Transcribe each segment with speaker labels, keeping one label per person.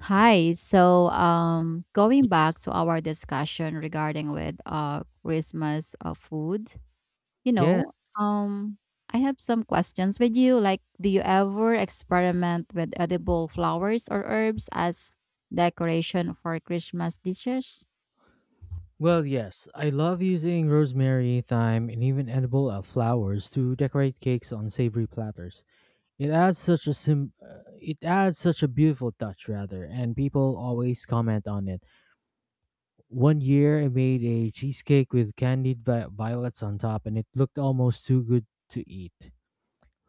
Speaker 1: Hi. Going back to our discussion regarding with Christmas food, you
Speaker 2: Yes.
Speaker 1: know, um, I have some questions with you. Like, do you ever experiment with edible flowers or herbs as decoration for Christmas dishes?
Speaker 2: Well, yes. I love using rosemary, thyme, and even edible flowers to decorate cakes on savory platters. It adds such a it adds such a beautiful touch rather, and people always comment on it. One year I made a cheesecake with candied violets on top, and it looked almost too good to eat.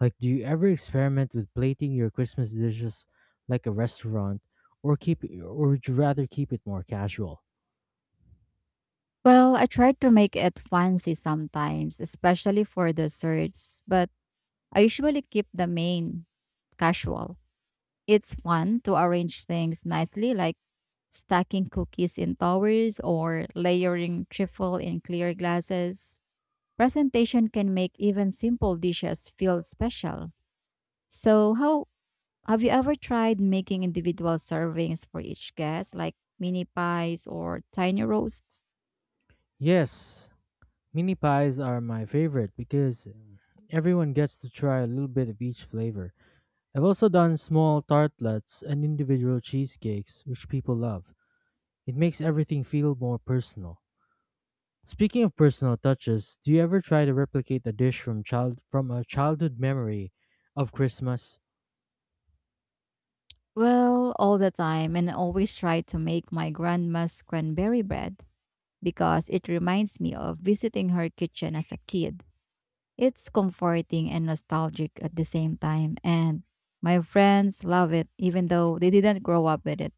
Speaker 2: Like, do you ever experiment with plating your Christmas dishes like a restaurant, or keep or would you rather keep it more casual?
Speaker 1: Well, I try to make it fancy sometimes, especially for desserts, but I usually keep the main casual. It's fun to arrange things nicely, like stacking cookies in towers or layering trifle in clear glasses. Presentation can make even simple dishes feel special. So, how Have you ever tried making individual servings for each guest, like mini pies or tiny roasts?
Speaker 2: Yes, mini pies are my favorite because everyone gets to try a little bit of each flavor. I've also done small tartlets and individual cheesecakes, which people love. It makes everything feel more personal. Speaking of personal touches, do you ever try to replicate a dish from a childhood memory of Christmas?
Speaker 1: Well, all the time, and I always try to make my grandma's cranberry bread because it reminds me of visiting her kitchen as a kid. It's comforting and nostalgic at the same time, and my friends love it even though they didn't grow up with it.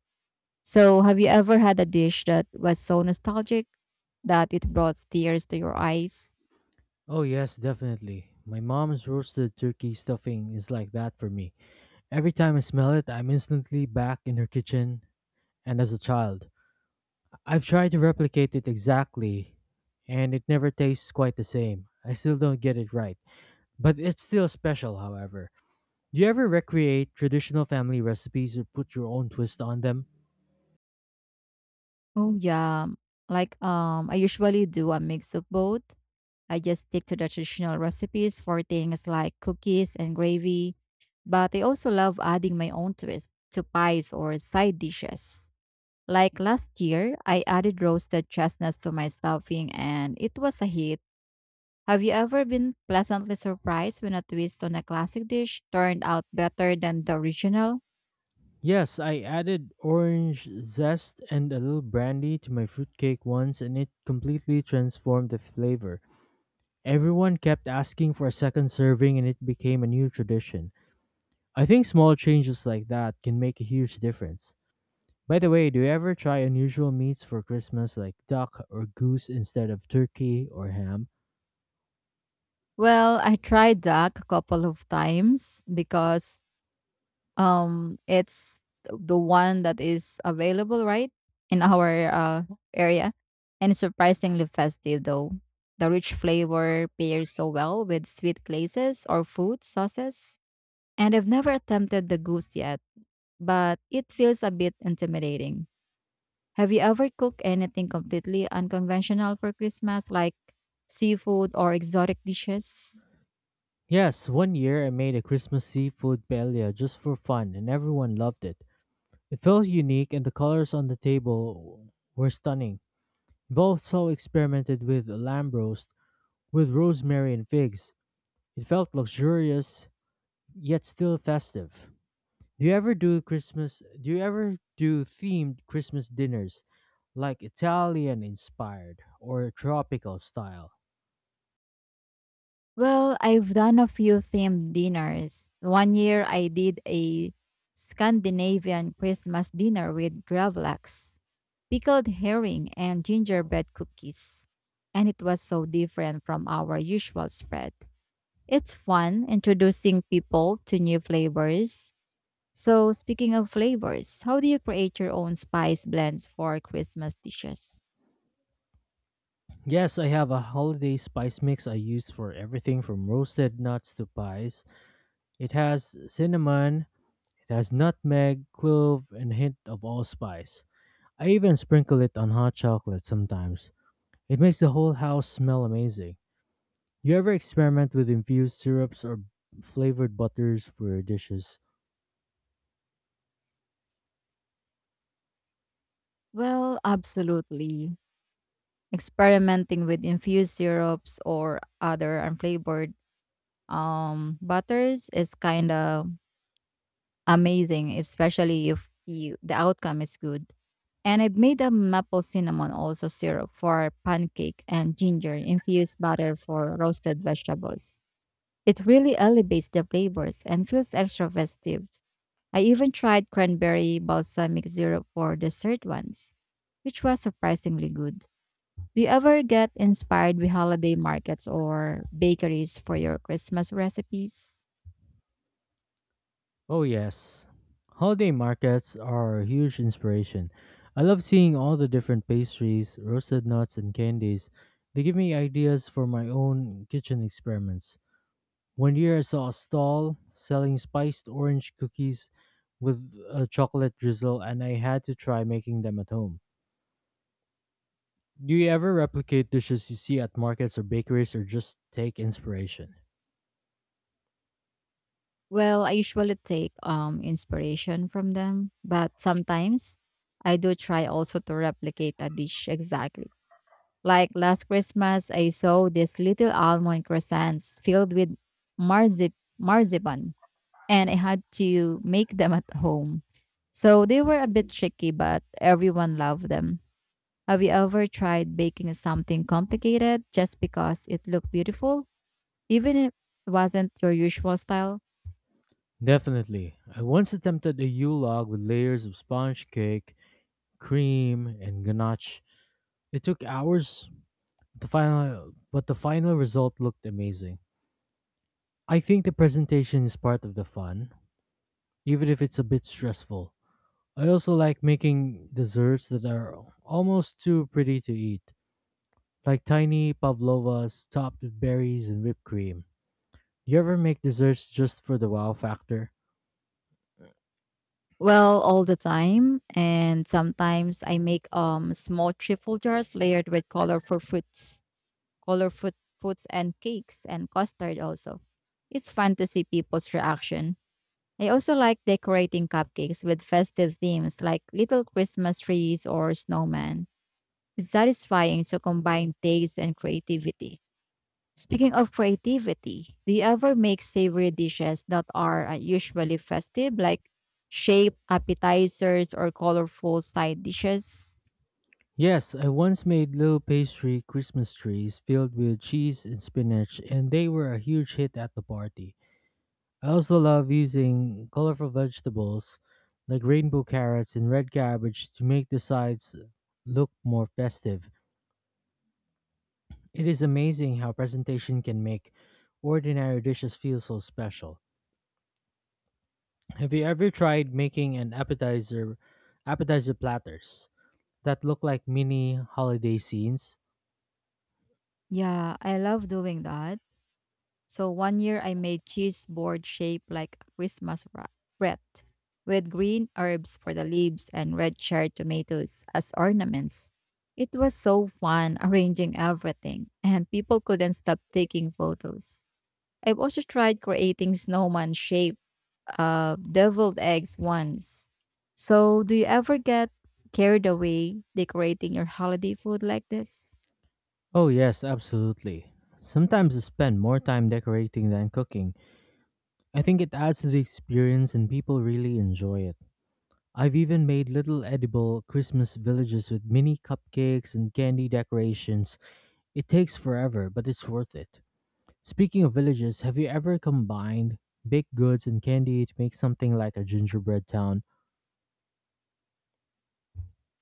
Speaker 1: So, have you ever had a dish that was so nostalgic that it brought tears to your eyes?
Speaker 2: Oh yes, definitely. My mom's roasted turkey stuffing is like that for me. Every time I smell it, I'm instantly back in her kitchen and as a child. I've tried to replicate it exactly, and it never tastes quite the same. I still don't get it right, but it's still special, however. Do you ever recreate traditional family recipes or put your own twist on them?
Speaker 1: Oh yeah, like I usually do a mix of both. I just stick to the traditional recipes for things like cookies and gravy, but I also love adding my own twist to pies or side dishes. Like last year, I added roasted chestnuts to my stuffing and it was a hit. Have you ever been pleasantly surprised when a twist on a classic dish turned out better than the original?
Speaker 2: Yes, I added orange zest and a little brandy to my fruitcake once, and it completely transformed the flavor. Everyone kept asking for a second serving, and it became a new tradition. I think small changes like that can make a huge difference. By the way, do you ever try unusual meats for Christmas like duck or goose instead of turkey or ham?
Speaker 1: Well, I tried duck a couple of times because it's the one that is available right in our area and it's surprisingly festive though. The rich flavor pairs so well with sweet glazes or food sauces. And I've never attempted the goose yet, but it feels a bit intimidating. Have you ever cooked anything completely unconventional for Christmas, like seafood or exotic dishes?
Speaker 2: Yes, one year I made a Christmas seafood paella just for fun, and everyone loved it. It felt unique, and the colors on the table were stunning. I've also experimented with lamb roast with rosemary and figs. It felt luxurious yet still festive. Do you ever do themed Christmas dinners, like Italian inspired or tropical style?
Speaker 1: Well, I've done a few themed dinners. 1 year I did a Scandinavian Christmas dinner with gravlax, pickled herring, and gingerbread cookies. And it was so different from our usual spread. It's fun introducing people to new flavors. So, speaking of flavors, how do you create your own spice blends for Christmas dishes?
Speaker 2: Yes, I have a holiday spice mix I use for everything from roasted nuts to pies. It has cinnamon, it has nutmeg, clove, and a hint of allspice. I even sprinkle it on hot chocolate sometimes. It makes the whole house smell amazing. You ever experiment with infused syrups or flavored butters for your dishes?
Speaker 1: Well, absolutely. Experimenting with infused syrups or other unflavored butters is kind of amazing, especially if you, the outcome is good. And I've made a maple cinnamon also syrup for pancake and ginger infused butter for roasted vegetables. It really elevates the flavors and feels extra festive. I even tried cranberry balsamic syrup for dessert once, which was surprisingly good. Do you ever get inspired by holiday markets or bakeries for your Christmas recipes?
Speaker 2: Oh, yes. Holiday markets are a huge inspiration. I love seeing all the different pastries, roasted nuts, and candies. They give me ideas for my own kitchen experiments. One year I saw a stall selling spiced orange cookies with a chocolate drizzle, and I had to try making them at home. Do you ever replicate dishes you see at markets or bakeries, or just take inspiration?
Speaker 1: Well, I usually take inspiration from them, but sometimes I do try also to replicate a dish exactly. Like last Christmas, I saw these little almond croissants filled with marzipan, and I had to make them at home. So they were a bit tricky, but everyone loved them. Have you ever tried baking something complicated just because it looked beautiful? Even if it wasn't your usual style?
Speaker 2: Definitely. I once attempted a Yule log with layers of sponge cake, cream, and ganache. It took hours, to final, but the final result looked amazing. I think the presentation is part of the fun, even if it's a bit stressful. I also like making desserts that are almost too pretty to eat, like tiny pavlovas topped with berries and whipped cream. You ever make desserts just for the wow factor?
Speaker 1: Well, all the time, and sometimes I make small trifle jars layered with colorful fruits and cakes and custard also. It's fun to see people's reaction. I also like decorating cupcakes with festive themes like little Christmas trees or snowman. It's satisfying to combine taste and creativity. Speaking of creativity, do you ever make savory dishes that are usually festive, like shape appetizers or colorful side dishes?
Speaker 2: Yes, I once made little pastry Christmas trees filled with cheese and spinach, and they were a huge hit at the party. I also love using colorful vegetables like rainbow carrots and red cabbage to make the sides look more festive. It is amazing how presentation can make ordinary dishes feel so special. Have you ever tried making an appetizer platters that look like mini holiday scenes?
Speaker 1: Yeah, I love doing that. So 1 year I made cheese board shaped like a Christmas wreath with green herbs for the leaves and red cherry tomatoes as ornaments. It was so fun arranging everything and people couldn't stop taking photos. I've also tried creating snowman shaped deviled eggs once. So do you ever get carried away decorating your holiday food like this?
Speaker 2: Oh yes, absolutely. Sometimes I spend more time decorating than cooking. I think it adds to the experience, and people really enjoy it. I've even made little edible Christmas villages with mini cupcakes and candy decorations. It takes forever, but it's worth it. Speaking of villages, have you ever combined baked goods and candy to make something like a gingerbread town?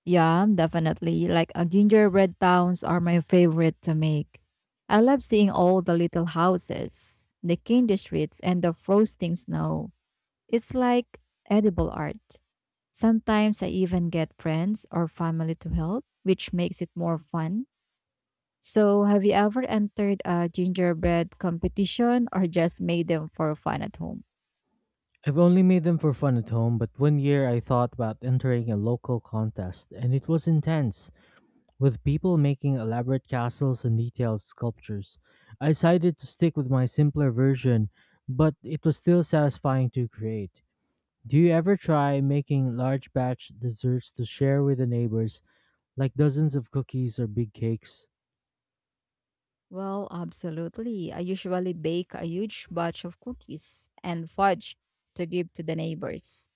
Speaker 1: Yeah, definitely. Like gingerbread towns are my favorite to make. I love seeing all the little houses, the candy streets, and the frosting snow. It's like edible art. Sometimes I even get friends or family to help, which makes it more fun. So, have you ever entered a gingerbread competition or just made them for fun at home?
Speaker 2: I've only made them for fun at home, but one year I thought about entering a local contest, and it was intense, with people making elaborate castles and detailed sculptures. I decided to stick with my simpler version, but it was still satisfying to create. Do you ever try making large batch desserts to share with the neighbors, like dozens of cookies or big cakes?
Speaker 1: Well, absolutely. I usually bake a huge batch of cookies and fudge to give to the neighbors.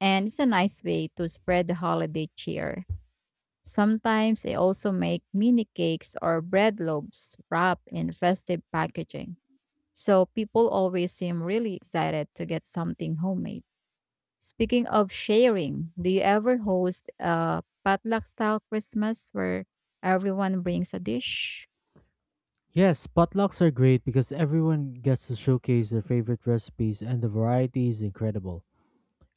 Speaker 1: And it's a nice way to spread the holiday cheer. Sometimes I also make mini cakes or bread loaves wrapped in festive packaging. So people always seem really excited to get something homemade. Speaking of sharing, do you ever host a potluck style Christmas where everyone brings a dish?
Speaker 2: Yes, potlucks are great because everyone gets to showcase their favorite recipes, and the variety is incredible.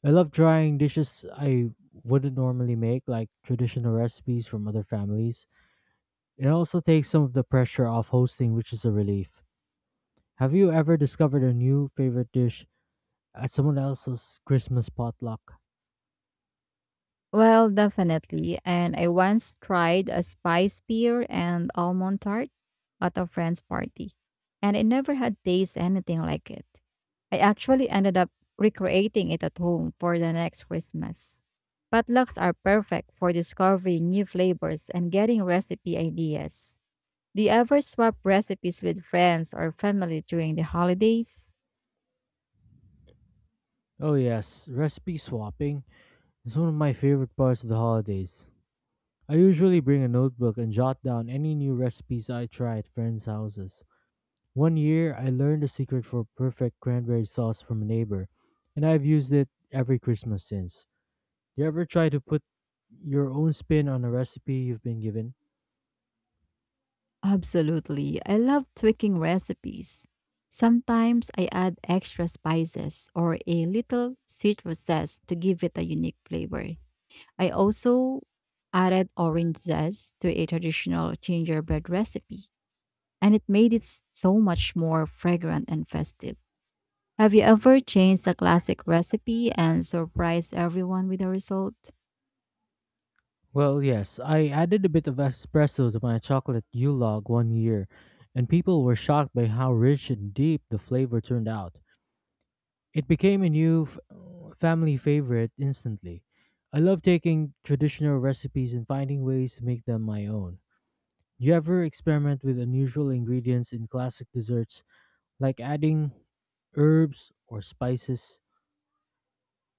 Speaker 2: I love trying dishes I wouldn't normally make, like traditional recipes from other families. It also takes some of the pressure off hosting, which is a relief. Have you ever discovered a new favorite dish at someone else's Christmas potluck?
Speaker 1: Well, definitely. And I once tried a spice pear and almond tart at a friend's party, and I never had taste anything like it. I actually ended up recreating it at home for the next Christmas. Potlucks are perfect for discovering new flavors and getting recipe ideas. Do you ever swap recipes with friends or family during the holidays?
Speaker 2: Oh, yes, recipe swapping. It's one of my favorite parts of the holidays. I usually bring a notebook and jot down any new recipes I try at friends' houses. One year, I learned the secret for perfect cranberry sauce from a neighbor, and I've used it every Christmas since. Do you ever try to put your own spin on a recipe you've been given?
Speaker 1: Absolutely. I love tweaking recipes. Sometimes I add extra spices or a little citrus zest to give it a unique flavor. I also added orange zest to a traditional gingerbread recipe, and it made it so much more fragrant and festive. Have you ever changed a classic recipe and surprised everyone with the result?
Speaker 2: Well, yes, I added a bit of espresso to my chocolate yule log one year, and people were shocked by how rich and deep the flavor turned out. It became a new family favorite instantly. I love taking traditional recipes and finding ways to make them my own. Do you ever experiment with unusual ingredients in classic desserts, like adding herbs or spices?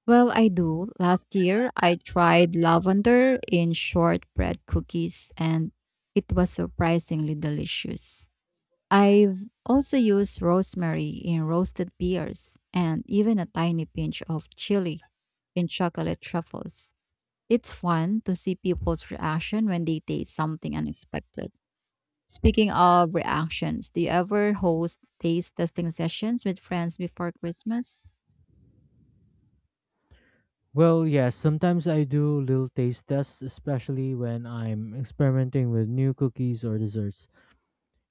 Speaker 1: Well, I do. Last year, I tried lavender in shortbread cookies and it was surprisingly delicious. I've also used rosemary in roasted beers and even a tiny pinch of chili in chocolate truffles. It's fun to see people's reaction when they taste something unexpected. Speaking of reactions, do you ever host taste testing sessions with friends before Christmas?
Speaker 2: Well, yes, sometimes I do little taste tests, especially when I'm experimenting with new cookies or desserts.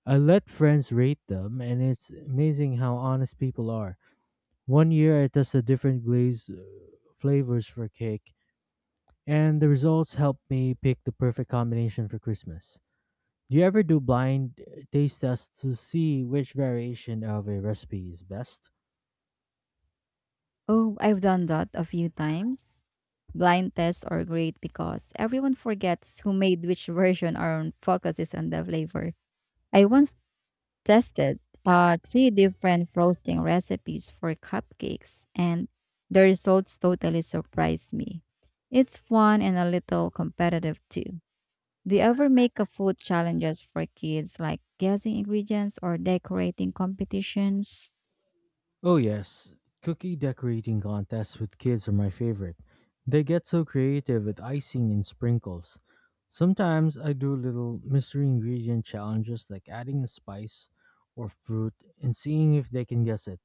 Speaker 2: I let friends rate them, and it's amazing how honest people are. One year I tested different glaze flavors for cake, and the results helped me pick the perfect combination for Christmas. Do you ever do blind taste tests to see which variation of a recipe is best?
Speaker 1: Oh, I've done that a few times. Blind tests are great because everyone forgets who made which version and focuses on the flavor. I once tested three different frosting recipes for cupcakes, and the results totally surprised me. It's fun and a little competitive too. Do you ever make a food challenges for kids like guessing ingredients or decorating competitions?
Speaker 2: Oh, yes. Cookie decorating contests with kids are my favorite. They get so creative with icing and sprinkles. Sometimes I do little mystery ingredient challenges, like adding a spice or fruit and seeing if they can guess it.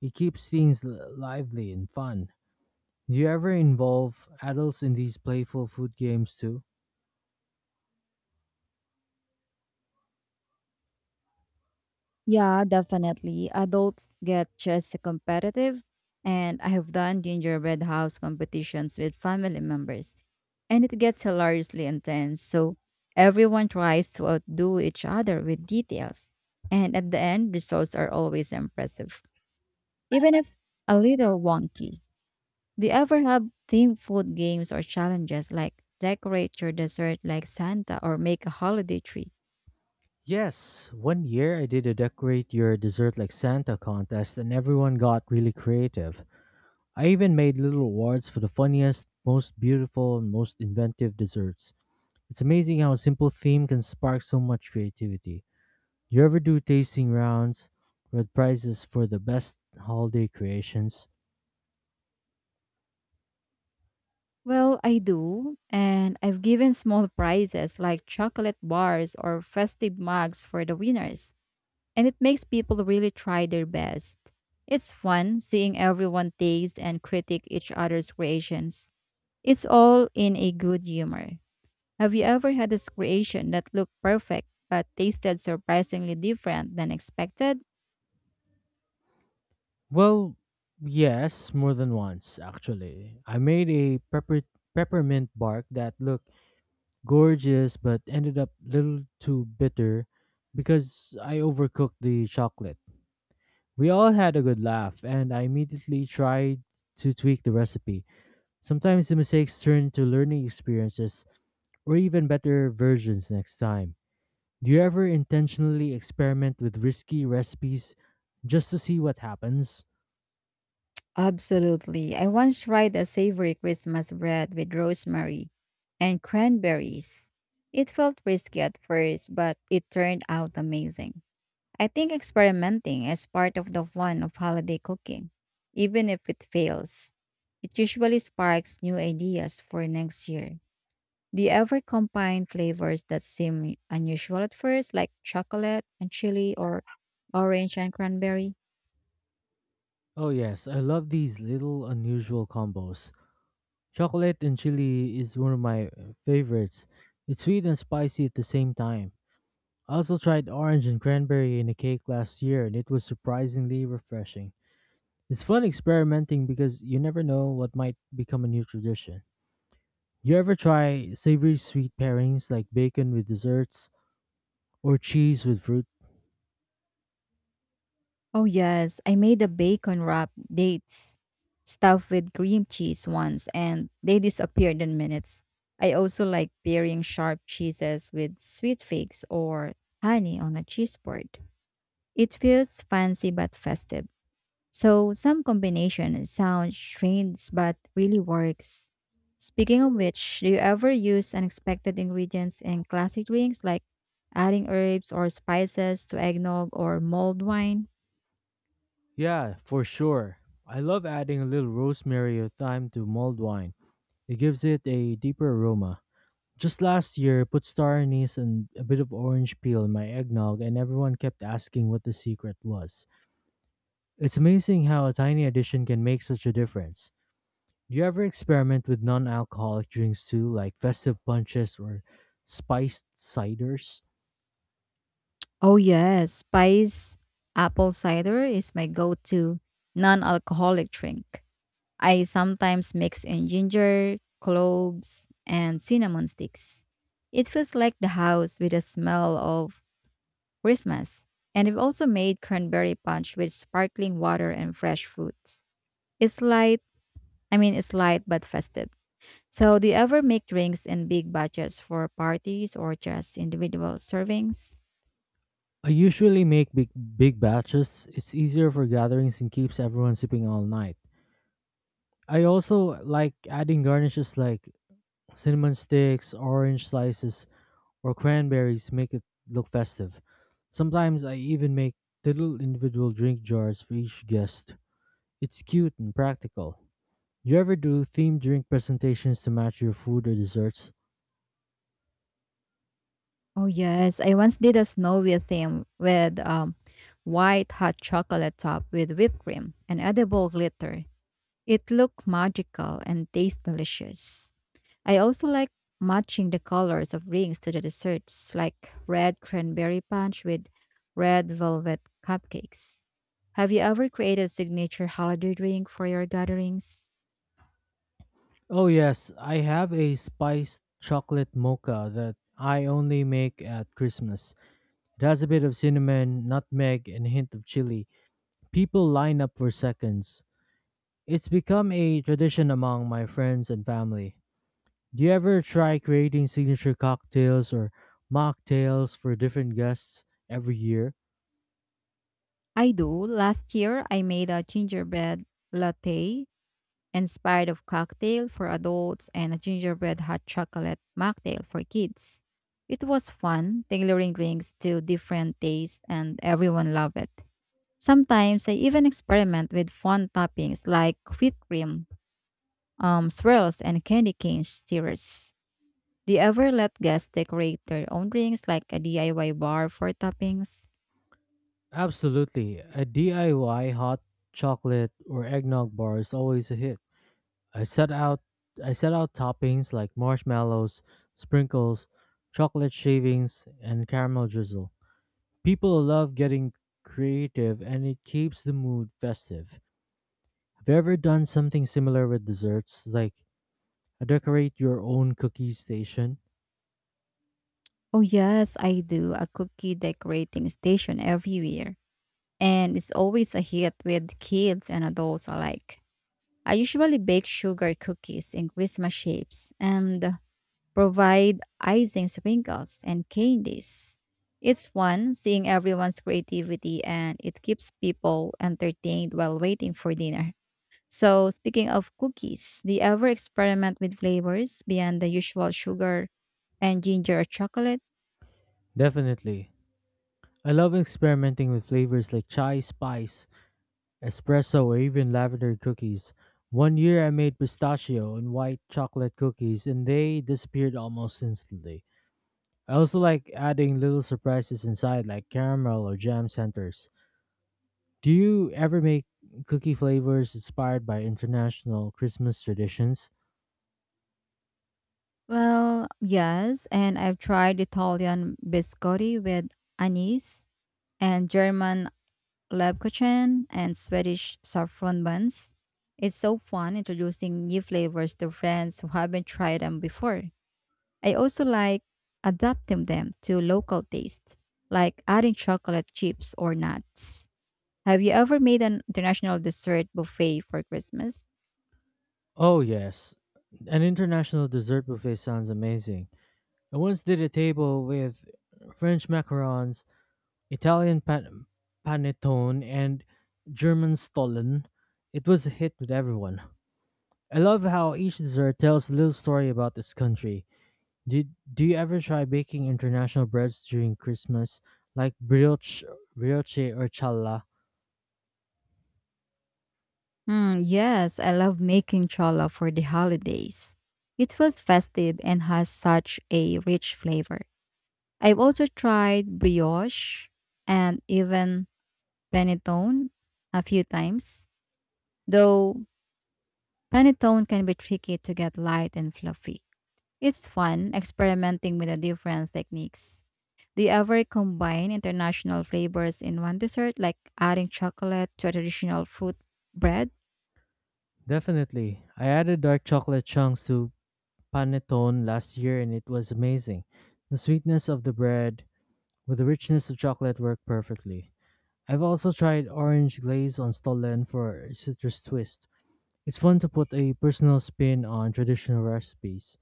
Speaker 2: It keeps things lively and fun. Do you ever involve adults in these playful food games too?
Speaker 1: Yeah, definitely. Adults get just competitive, and I have done gingerbread house competitions with family members, and it gets hilariously intense. So everyone tries to outdo each other with details, and at the end, results are always impressive, even if a little wonky. Do you ever have themed food games or challenges like decorate your dessert like Santa or make a holiday tree?
Speaker 2: Yes, one year I did a decorate your dessert like Santa contest, and everyone got really creative. I even made little awards for the funniest, most beautiful, and most inventive desserts. It's amazing how a simple theme can spark so much creativity. Do you ever do tasting rounds with prizes for the best holiday creations?
Speaker 1: Well, I do, and I've given small prizes like chocolate bars or festive mugs for the winners, and it makes people really try their best. It's fun seeing everyone taste and critique each other's creations. It's all in a good humor. Have you ever had this creation that looked perfect but tasted surprisingly different than expected?
Speaker 2: Well, yes, more than once, actually. I made a peppermint bark that looked gorgeous but ended up a little too bitter because I overcooked the chocolate. We all had a good laugh, and I immediately tried to tweak the recipe. Sometimes the mistakes turn into learning experiences or even better versions next time. Do you ever intentionally experiment with risky recipes just to see what happens?
Speaker 1: Absolutely. I once tried a savory Christmas bread with rosemary and cranberries. It felt risky at first, but it turned out amazing. I think experimenting is part of the fun of holiday cooking, even if it fails. It usually sparks new ideas for next year. Do you ever combine flavors that seem unusual at first, like chocolate and chili or orange and cranberry?
Speaker 2: Oh yes, I love these little unusual combos. Chocolate and chili is one of my favorites. It's sweet and spicy at the same time. I also tried orange and cranberry in a cake last year, and it was surprisingly refreshing. It's fun experimenting because you never know what might become a new tradition. You ever try savory sweet pairings like bacon with desserts or cheese with fruit?
Speaker 1: Oh, yes. I made a bacon wrap dates stuffed with cream cheese once and they disappeared in minutes. I also like pairing sharp cheeses with sweet figs or honey on a cheese board. It feels fancy but festive. So, some combination sounds strange but really works. Speaking of which, do you ever use unexpected ingredients in classic drinks like adding herbs or spices to eggnog or mulled wine?
Speaker 2: Yeah, for sure. I love adding a little rosemary or thyme to mulled wine. It gives it a deeper aroma. Just last year, put star anise and a bit of orange peel in my eggnog, and everyone kept asking what the secret was. It's amazing how a tiny addition can make such a difference. Do you ever experiment with non alcoholic drinks too, like festive punches or spiced ciders?
Speaker 1: Oh yes, spice apple cider is my go-to non-alcoholic drink. I sometimes mix in ginger, cloves, and cinnamon sticks. It feels like the house with a smell of Christmas. And I've also made cranberry punch with sparkling water and fresh fruits. It's light, I mean it's light but festive. So do you ever make drinks in big batches for parties or just individual servings?
Speaker 2: I usually make big batches. It's easier for gatherings and keeps everyone sipping all night. I also like adding garnishes like cinnamon sticks, orange slices, or cranberries make it look festive. Sometimes I even make little individual drink jars for each guest. It's cute and practical. You ever do themed drink presentations to match your food or desserts?
Speaker 1: Oh yes, I once did a snowy theme with white hot chocolate top with whipped cream and edible glitter. It looked magical and tastes delicious. I also like matching the colors of rings to the desserts, like red cranberry punch with red velvet cupcakes. Have you ever created a signature holiday drink for your gatherings?
Speaker 2: Oh, yes, I have a spiced chocolate mocha that I only make at Christmas. It has a bit of cinnamon, nutmeg, and a hint of chili. People line up for seconds. It's become a tradition among my friends and family. Do you ever try creating signature cocktails or mocktails for different guests every year?
Speaker 1: I do. Last year, I made a gingerbread latte inspired of cocktail for adults and a gingerbread hot chocolate mocktail for kids. It was fun tailoring drinks to different tastes and everyone loved it. Sometimes I even experiment with fun toppings like whipped cream, swirls, and candy cane stirrers. Do you ever let guests decorate their own drinks like a DIY bar for toppings?
Speaker 2: Absolutely. A DIY hot chocolate or eggnog bar is always a hit. I set out I set out toppings like marshmallows, sprinkles, chocolate shavings, and caramel drizzle. People love getting creative, and it keeps the mood festive. Have you ever done something similar with desserts, like a decorate your own cookie station?
Speaker 1: Oh yes, I do. A cookie decorating station everywhere. And it's always a hit with kids and adults alike. I usually bake sugar cookies in Christmas shapes and provide icing sprinkles and candies. It's fun seeing everyone's creativity and it keeps people entertained while waiting for dinner. So, speaking of cookies, do you ever experiment with flavors beyond the usual sugar and ginger or chocolate?
Speaker 2: Definitely. I love experimenting with flavors like chai spice, espresso, or even lavender cookies. One year I made pistachio and white chocolate cookies, and they disappeared almost instantly. I also like adding little surprises inside, like caramel or jam centers. Do you ever make cookie flavors inspired by international Christmas traditions?
Speaker 1: Well, yes, and I've tried Italian biscotti with anise and German Lebkuchen and Swedish saffron buns. It's so fun introducing new flavors to friends who haven't tried them before. I also like adapting them to local taste, like adding chocolate chips or nuts. Have you ever made an international dessert buffet for Christmas?
Speaker 2: Oh, yes. An international dessert buffet sounds amazing. I once did a table with French macarons, Italian panettone, and German stollen. It was a hit with everyone. I love how each dessert tells a little story about this country. Did do you ever try baking international breads during Christmas, like brioche or challa?
Speaker 1: Hmm, yes, I love making cholla for the holidays. It feels festive and has such a rich flavor. I've also tried brioche and even panettone a few times, though panettone can be tricky to get light and fluffy. It's fun experimenting with the different techniques. Do you ever combine international flavors in one dessert, like adding chocolate to a traditional fruit bread?
Speaker 2: Definitely. I added dark chocolate chunks to panettone last year, and it was amazing. The sweetness of the bread with the richness of chocolate worked perfectly. I've also tried orange glaze on stollen for a citrus twist. It's fun to put a personal spin on traditional recipes.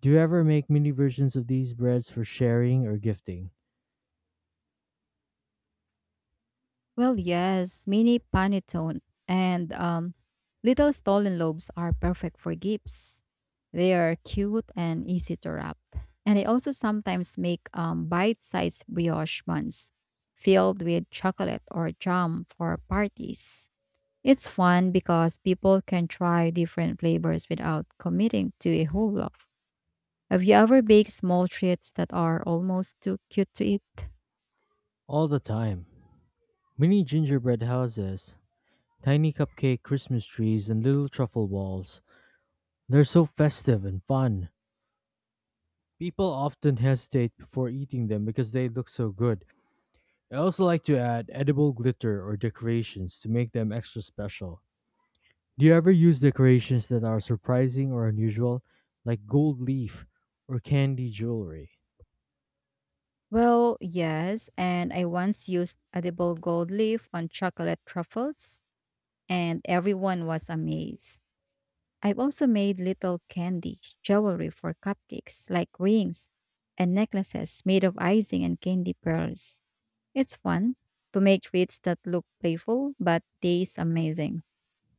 Speaker 2: Do you ever make mini versions of these breads for sharing or gifting?
Speaker 1: Well, yes, mini panettone and little stolen lobes are perfect for gifts. They are cute and easy to wrap. And I also sometimes make bite-sized brioche buns filled with chocolate or jam for parties. It's fun because people can try different flavors without committing to a whole loaf. Have you ever baked small treats that are almost too cute to eat?
Speaker 2: All the time. Mini gingerbread houses, tiny cupcake Christmas trees, and little truffle walls. They're so festive and fun. People often hesitate before eating them because they look so good. I also like to add edible glitter or decorations to make them extra special. Do you ever use decorations that are surprising or unusual, like gold leaf or candy jewelry?
Speaker 1: Well, yes, and I once used edible gold leaf on chocolate truffles, and everyone was amazed. I've also made little candy, jewelry for cupcakes, like rings and necklaces made of icing and candy pearls. It's fun to make treats that look playful but taste amazing.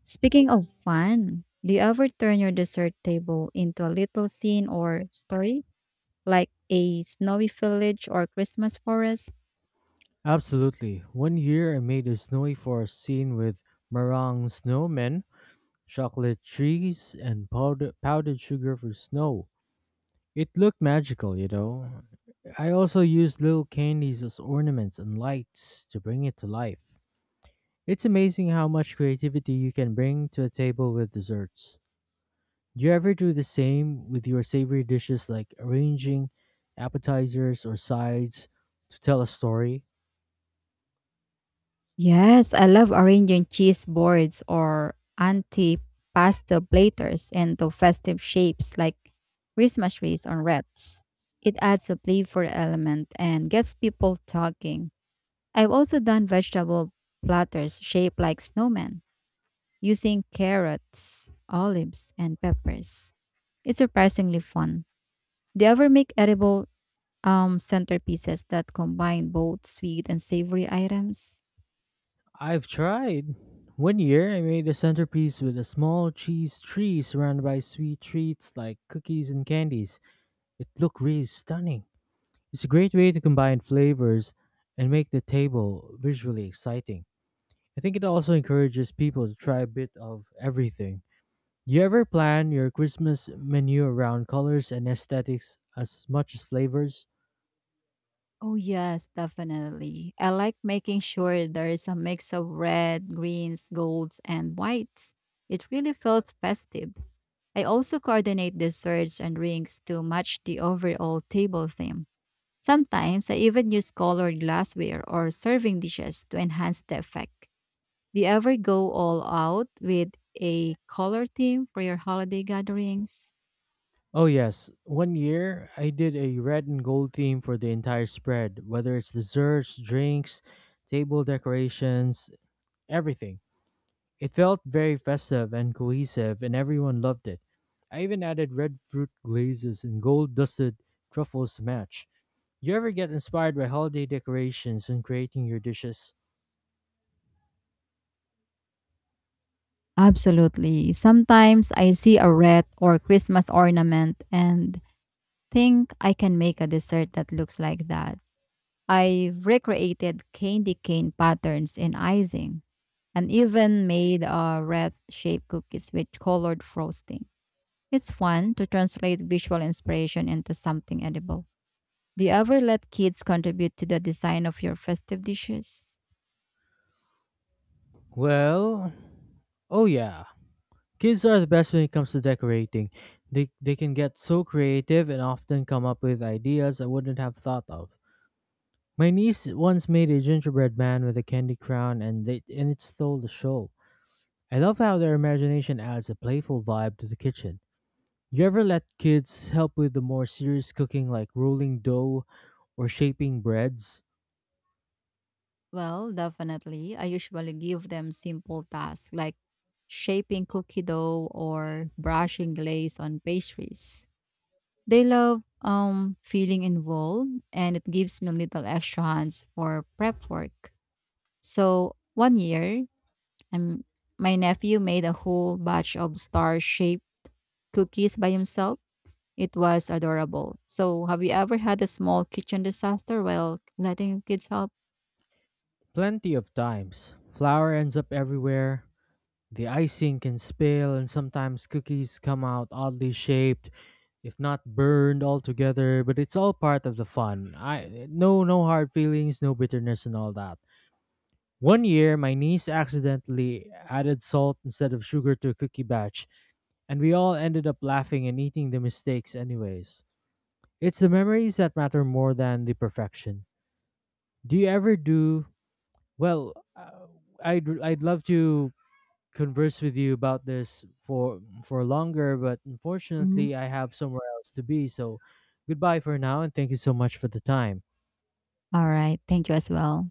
Speaker 1: Speaking of fun, do you ever turn your dessert table into a little scene or story, like a snowy village or Christmas forest?
Speaker 2: Absolutely. One year I made a snowy forest scene with meringue snowmen, chocolate trees, and powdered sugar for snow. It looked magical. I also used little candies as ornaments and lights to bring it to life. It's amazing how much creativity you can bring to a table with desserts. Do you ever do the same with your savory dishes, like arranging appetizers or sides to tell a story?
Speaker 1: Yes, I love arranging cheese boards or anti-pasta platters into festive shapes like Christmas trees or wreaths. It adds a playful element and gets people talking. I've also done vegetable platters shaped like snowmen using carrots, olives, and peppers. It's surprisingly fun. Do you ever make edible centerpieces that combine both sweet and savory items?
Speaker 2: I've tried. One year I made a centerpiece with a small cheese tree surrounded by sweet treats like cookies and candies. It looked really stunning. It's a great way to combine flavors and make the table visually exciting. I think it also encourages people to try a bit of everything. Do you ever plan your Christmas menu around colors and aesthetics as much as flavors?
Speaker 1: Oh, yes, definitely. I like making sure there is a mix of red, greens, golds, and whites. It really feels festive. I also coordinate desserts and drinks to match the overall table theme. Sometimes I even use colored glassware or serving dishes to enhance the effect. Do you ever go all out with a color theme for your holiday gatherings?
Speaker 2: Oh, yes. One year, I did a red and gold theme for the entire spread, whether it's desserts, drinks, table decorations, everything. It felt very festive and cohesive, and everyone loved it. I even added red fruit glazes and gold dusted truffles to match. You ever get inspired by holiday decorations when creating your dishes?
Speaker 1: Absolutely. Sometimes I see a red or Christmas ornament and think I can make a dessert that looks like that. I've recreated candy cane patterns in icing and even made red shaped cookies with colored frosting. It's fun to translate visual inspiration into something edible. Do you ever let kids contribute to the design of your festive dishes?
Speaker 2: Well, oh, yeah. Kids are the best when it comes to decorating. They can get so creative and often come up with ideas I wouldn't have thought of. My niece once made a gingerbread man with a candy crown, and it stole the show. I love how their imagination adds a playful vibe to the kitchen. You ever let kids help with the more serious cooking, like rolling dough or shaping breads?
Speaker 1: Well, definitely. I usually give them simple tasks like shaping cookie dough or brushing glaze on pastries. They love feeling involved, and it gives me little extra hands for prep work. So 1 year, um, my nephew made a whole batch of star-shaped cookies by himself. It was adorable. So have you ever had a small kitchen disaster while letting your kids help?
Speaker 2: Plenty of times. Flour ends up everywhere, the icing can spill, and sometimes cookies come out oddly shaped, if not burned altogether. But it's all part of the fun. I no hard feelings, no bitterness, and all that. One year, my niece accidentally added salt instead of sugar to a cookie batch, and we all ended up laughing and eating the mistakes anyways. It's the memories that matter more than the perfection. Do you ever do well? I'd love to converse with you about this for longer, but
Speaker 1: Mhm.
Speaker 2: unfortunately, I have somewhere else to be. So, goodbye for now, and thank you so much for the time.
Speaker 1: All right, thank you as well.